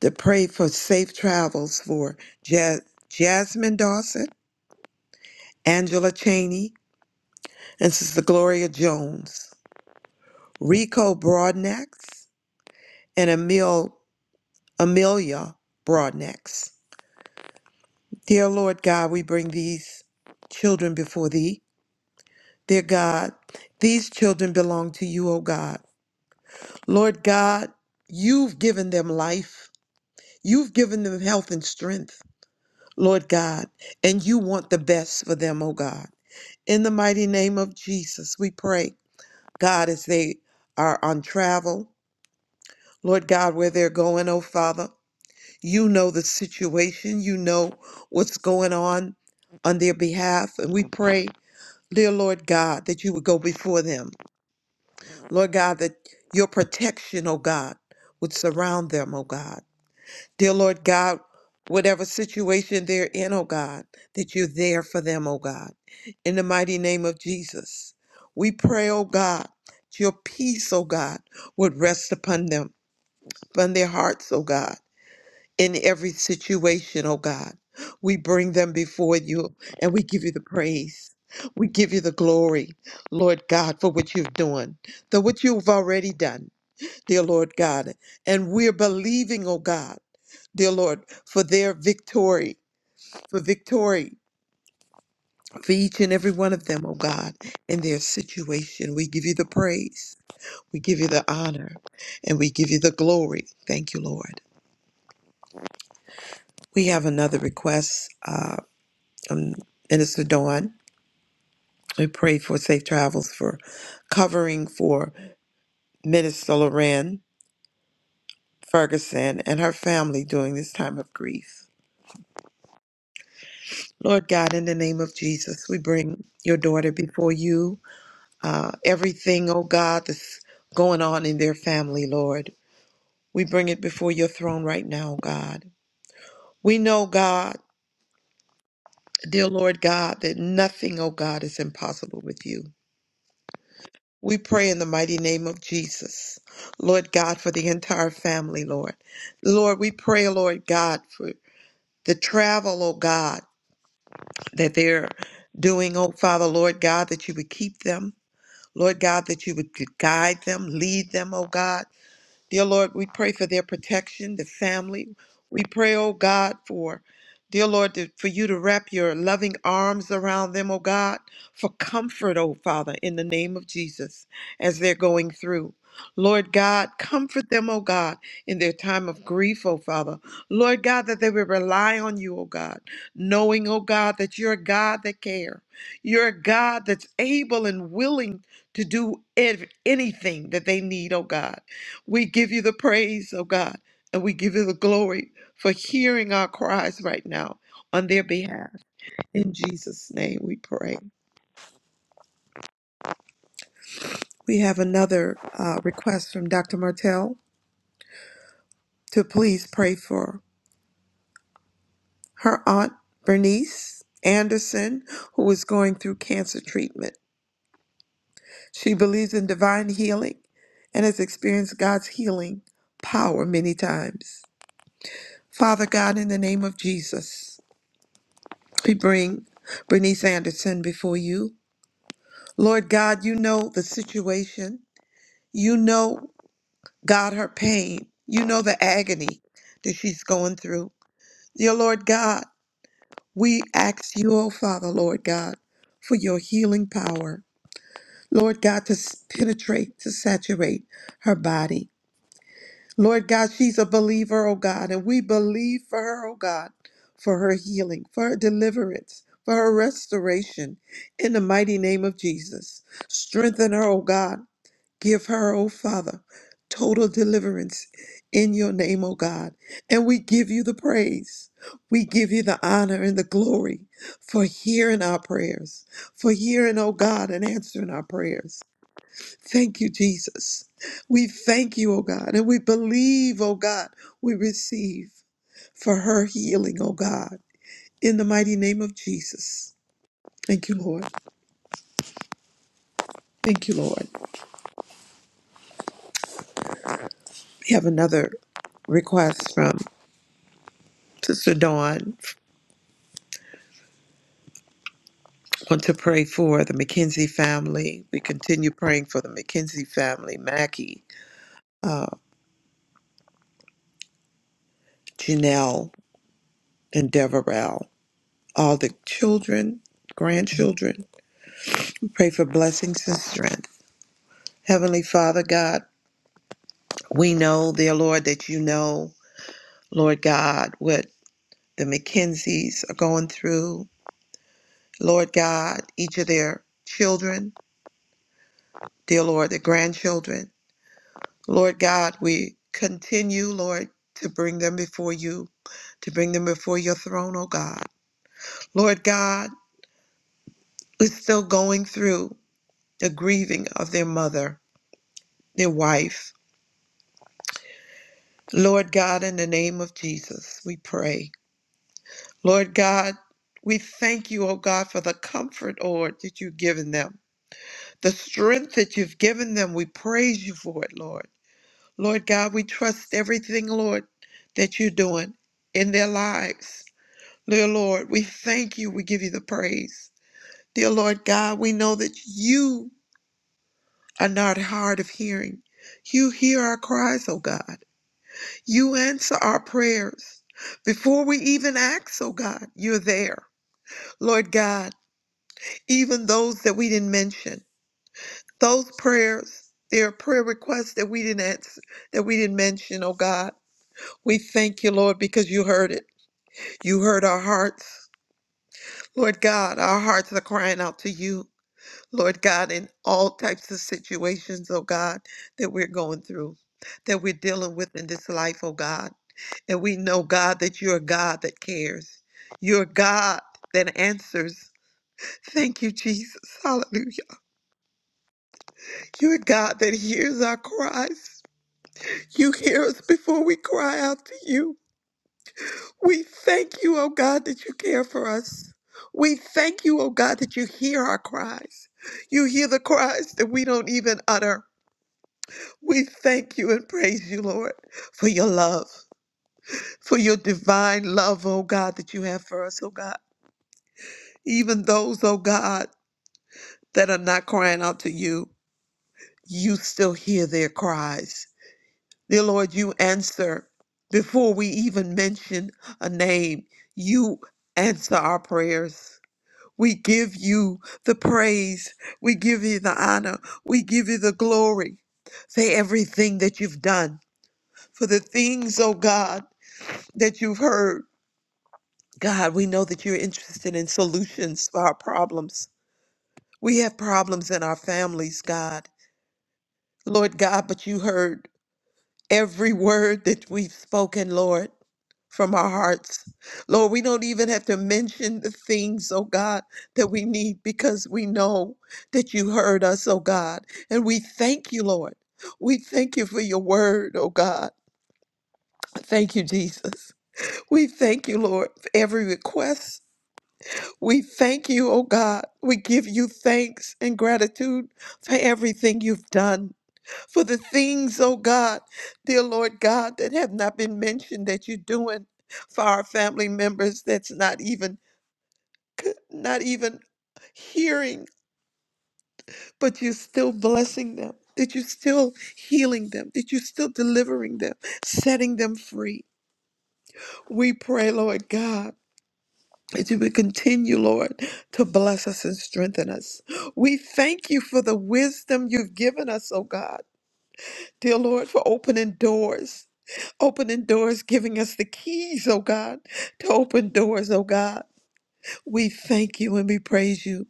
E: to pray for safe travels for ja- Jasmine Dawson, Angela Cheney, and Sister Gloria Jones, Rico Broadnax, and Emil, Amelia Broadnax. Dear Lord God, we bring these children before thee. Dear God, these children belong to you, O God. Lord God, you've given them life. You've given them health and strength, Lord God, and you want the best for them, O God. In the mighty name of Jesus, we pray, God, as they are on travel, Lord God, where they're going, oh Father, you know the situation, you know what's going on on their behalf. And we pray, dear Lord God, that you would go before them. Lord God, that your protection, oh God, would surround them, oh God. Dear Lord God, whatever situation they're in, oh God, that you're there for them, oh God. In the mighty name of Jesus, we pray, oh God, that your peace, oh God, would rest upon them, upon their hearts, oh God, in every situation, oh God. We bring them before you and we give you the praise. We give you the glory, Lord God, for what you've done, for what you've already done, dear Lord God. And we're believing, oh God dear Lord, for their victory, for victory, for each and every one of them, oh God, in their situation. We give you the praise, we give you the honor, and we give you the glory. Thank you, Lord. We have another request uh, from Minister Dawn. We pray for safe travels for covering for Minister Loren Ferguson and her family during this time of grief. Lord God, in the name of Jesus, we bring your daughter before you. uh, everything, oh God, that's going on in their family, Lord. We bring it before your throne right now, oh God. We know, God, dear Lord God, that nothing, oh God, is impossible with you. We pray in the mighty name of Jesus, Lord God, for the entire family, Lord. Lord, we pray, Lord God, for the travel, oh God, that they're doing, oh Father, Lord God, that you would keep them. Lord God, that you would guide them, lead them, oh God. Dear Lord, we pray for their protection, the family. We pray, oh God, for, dear Lord, to- for you to wrap your loving arms around them, oh God, for comfort, oh Father, in the name of Jesus, as they're going through. Lord God, comfort them, oh God, in their time of grief, oh Father. Lord God, that they will rely on you, oh God, knowing, oh God, that you're a God that cares. You're a God that's able and willing to do ev- anything that they need, oh God. We give you the praise, oh God, and we give you the glory for hearing our cries right now on their behalf. In Jesus' name we pray. We have another uh, request from Dr. Martell to please pray for her aunt, Bernice Anderson, who is going through cancer treatment. She believes in divine healing and has experienced God's healing power many times. Father God, in the name of Jesus. We bring Bernice Anderson before you. Lord God, you know the situation. You know, God, her pain. You know the agony that she's going through. Dear Lord God, we ask you, oh Father, Lord God, for your healing power. Lord God, to s- penetrate, to saturate her body. Lord God, she's a believer, oh God, and we believe for her, oh God, for her healing, for her deliverance, for her restoration. In the mighty name of Jesus, strengthen her, oh God. Give her, oh Father, total deliverance in your name, oh God. And we give you the praise. We give you the honor and the glory for hearing our prayers, for hearing, oh God, and answering our prayers. Thank you, Jesus. We thank you, oh God, and we believe, oh God, we receive for her healing, oh God, in the mighty name of Jesus. Thank you, Lord. Thank you, Lord. We have another request from Sister Dawn. Want to pray for the McKenzie family. We continue praying for the McKenzie family, Mackie, uh, Janelle, and Deverell, all the children, grandchildren. We pray for blessings and strength. Heavenly Father God, We know, dear Lord, that you know, Lord God, what the McKenzie's are going through. Lord God, each of their children, dear Lord, their grandchildren. Lord God, we continue, Lord, to bring them before you, to bring them before your throne, oh God. Lord God, we're still going through the grieving of their mother, their wife. Lord God, in the name of Jesus, we pray. Lord God, we thank you, oh God, for the comfort, Lord, that you've given them. The strength that you've given them, we praise you for it, Lord. Lord God, we trust everything, Lord, that you're doing in their lives. Dear Lord, we thank you. We give you the praise. Dear Lord God, we know that you are not hard of hearing. You hear our cries, oh God. You answer our prayers. Before we even ask, oh God, you're there. Lord God, even those that we didn't mention. Those prayers, there are prayer requests that we didn't answer, that we didn't mention, oh God. We thank you, Lord, because you heard it. You heard our hearts. Lord God, our hearts are crying out to you, Lord God, in all types of situations, oh God, that we're going through, that we're dealing with in this life, oh God. And we know, God, that you're a God that cares. You're a God that answers. Thank you, Jesus. Hallelujah. You're God that hears our cries. You hear us before we cry out to you. We thank you, oh God, that you care for us. We thank you, oh God, that you hear our cries. You hear the cries that we don't even utter. We thank you and praise you, Lord, for your love, for your divine love, oh God, that you have for us, oh God. Even those, oh God, that are not crying out to you, you still hear their cries Dear Lord, you answer before we even mention a name. You answer our prayers. We give you the praise. We give you the honor. We give you the glory for everything that you've done, for the things, oh God, that you've heard. God, we know that you're interested in solutions for our problems. We have problems in our families, God. Lord God, but you heard every word that we've spoken, Lord. from our hearts. Lord, we don't even have to mention the things, oh God, that we need because we know that you heard us, oh God. And we thank you, Lord. We thank you for your word, oh God. Thank you, Jesus. We thank you, Lord, for every request. We thank you, oh God. We give you thanks and gratitude for everything you've done for the things, oh God, dear Lord God, that have not been mentioned that you're doing for our family members that's not even not even hearing, but you're still blessing them. That you're still healing them, that you're still delivering them, setting them free. We pray, Lord God, that you would continue, Lord, to bless us and strengthen us. We thank you for the wisdom you've given us, oh God. Dear Lord, for opening doors opening doors, giving us the keys, oh God, to open doors, oh God. We thank you and we praise you.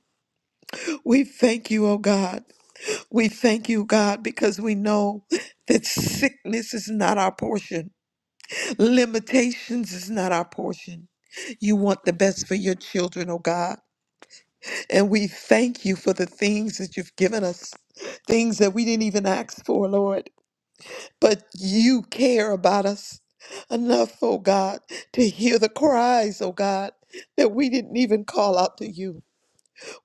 E: We thank you, oh God. We thank you, God, because we know that sickness is not our portion, limitations is not our portion. You want the best for your children, oh God. And we thank you for the things that you've given us, things that we didn't even ask for, Lord. But you care about us enough, oh God, to hear the cries, oh God, that we didn't even call out to you.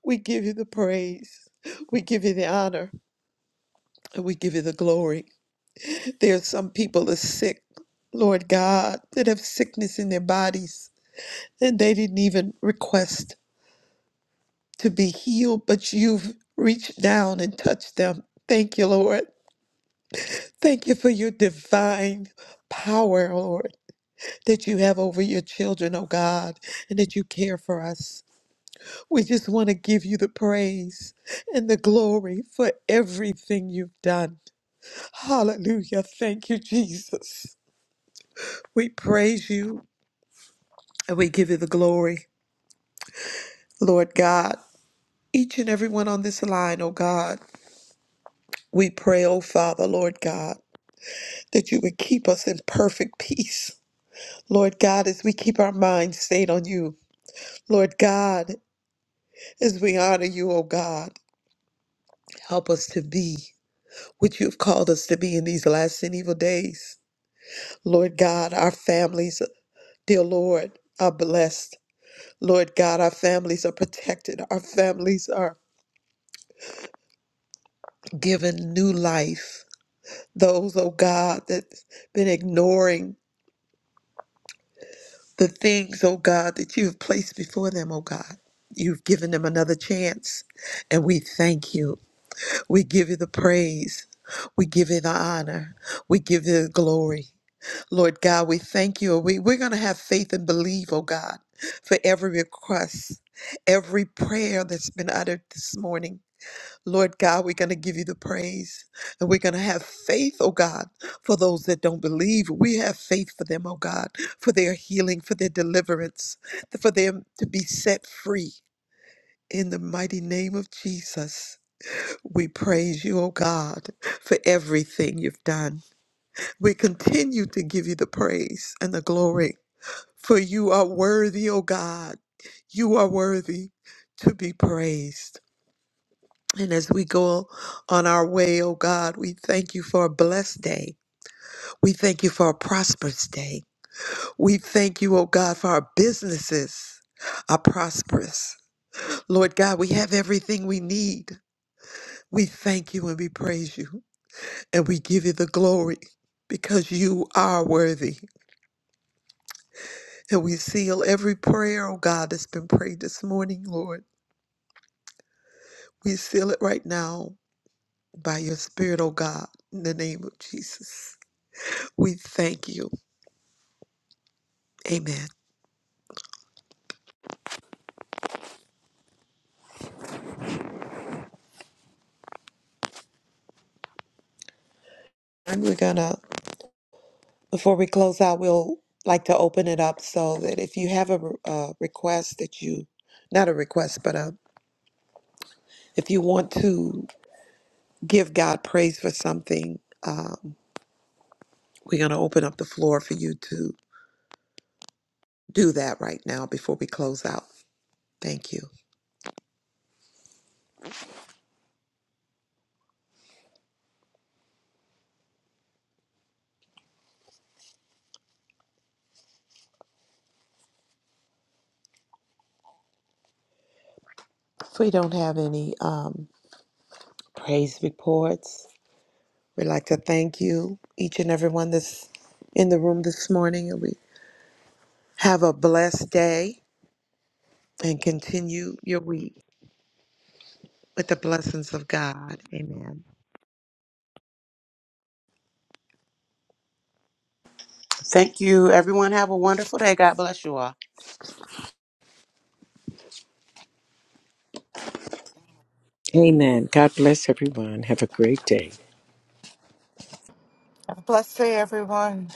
E: We give you the praise, we give you the honor, and we give you the glory. There are some people that are sick, Lord God, that have sickness in their bodies, and they didn't even request to be healed, but you've reached down and touched them. Thank you, Lord. Thank you for your divine power, Lord. that you have over your children, oh God, and that you care for us. We just want to give you the praise and the glory for everything you've done. Hallelujah. Thank you, Jesus. We praise you and we give you the glory, Lord God. Each and everyone on this line, oh God, we pray, oh Father, Lord God, that you would keep us in perfect peace. Lord God, as we keep our minds stayed on you, Lord God, as we honor you, oh God. Help us to be what you've called us to be in these last and evil days. Lord God, our families, dear Lord, are blessed. Lord God, our families are protected. Our families are given new life. Those, oh God, that's been ignoring the things, oh God, that you've placed before them, oh God. You've given them another chance. And we thank you. We give you the praise. We give you the honor. We give you the glory. Lord God, we thank you. We, we're going to have faith and believe, oh God, for every request, every prayer that's been uttered this morning. Lord God, we're going to give you the praise and we're going to have faith, oh God, for those that don't believe. We have faith for them, oh God, for their healing, for their deliverance, for them to be set free. In the mighty name of Jesus, we praise you, oh God, for everything you've done. We continue to give you the praise and the glory for you are worthy, O God. You are worthy to be praised. And as we go on our way, O God, we thank you for a blessed day. We thank you for a prosperous day. We thank you, O God, for our businesses are prosperous. Lord God, we have everything we need. We thank you and we praise you and we give you the glory because you are worthy. And we seal every prayer, O God, that's been prayed this morning, Lord. We seal it right now by your Spirit, oh God, in the name of Jesus. We thank you. Amen. And we're going to, before we close out, we'll like to open it up so that if you have a re- uh, request that you, not a request, but a, if you want to give God praise for something, um, we're going to open up the floor for you to do that right now before we close out. Thank you. If we don't have any um, praise reports, We'd like to thank you, each and everyone that's in the room this morning. And we have a blessed day and continue your week with the blessings of God. Amen.
C: Thank you. Everyone have a wonderful day. God bless you all.
B: Amen. God bless everyone. Have a great day.
A: Bless you, everyone.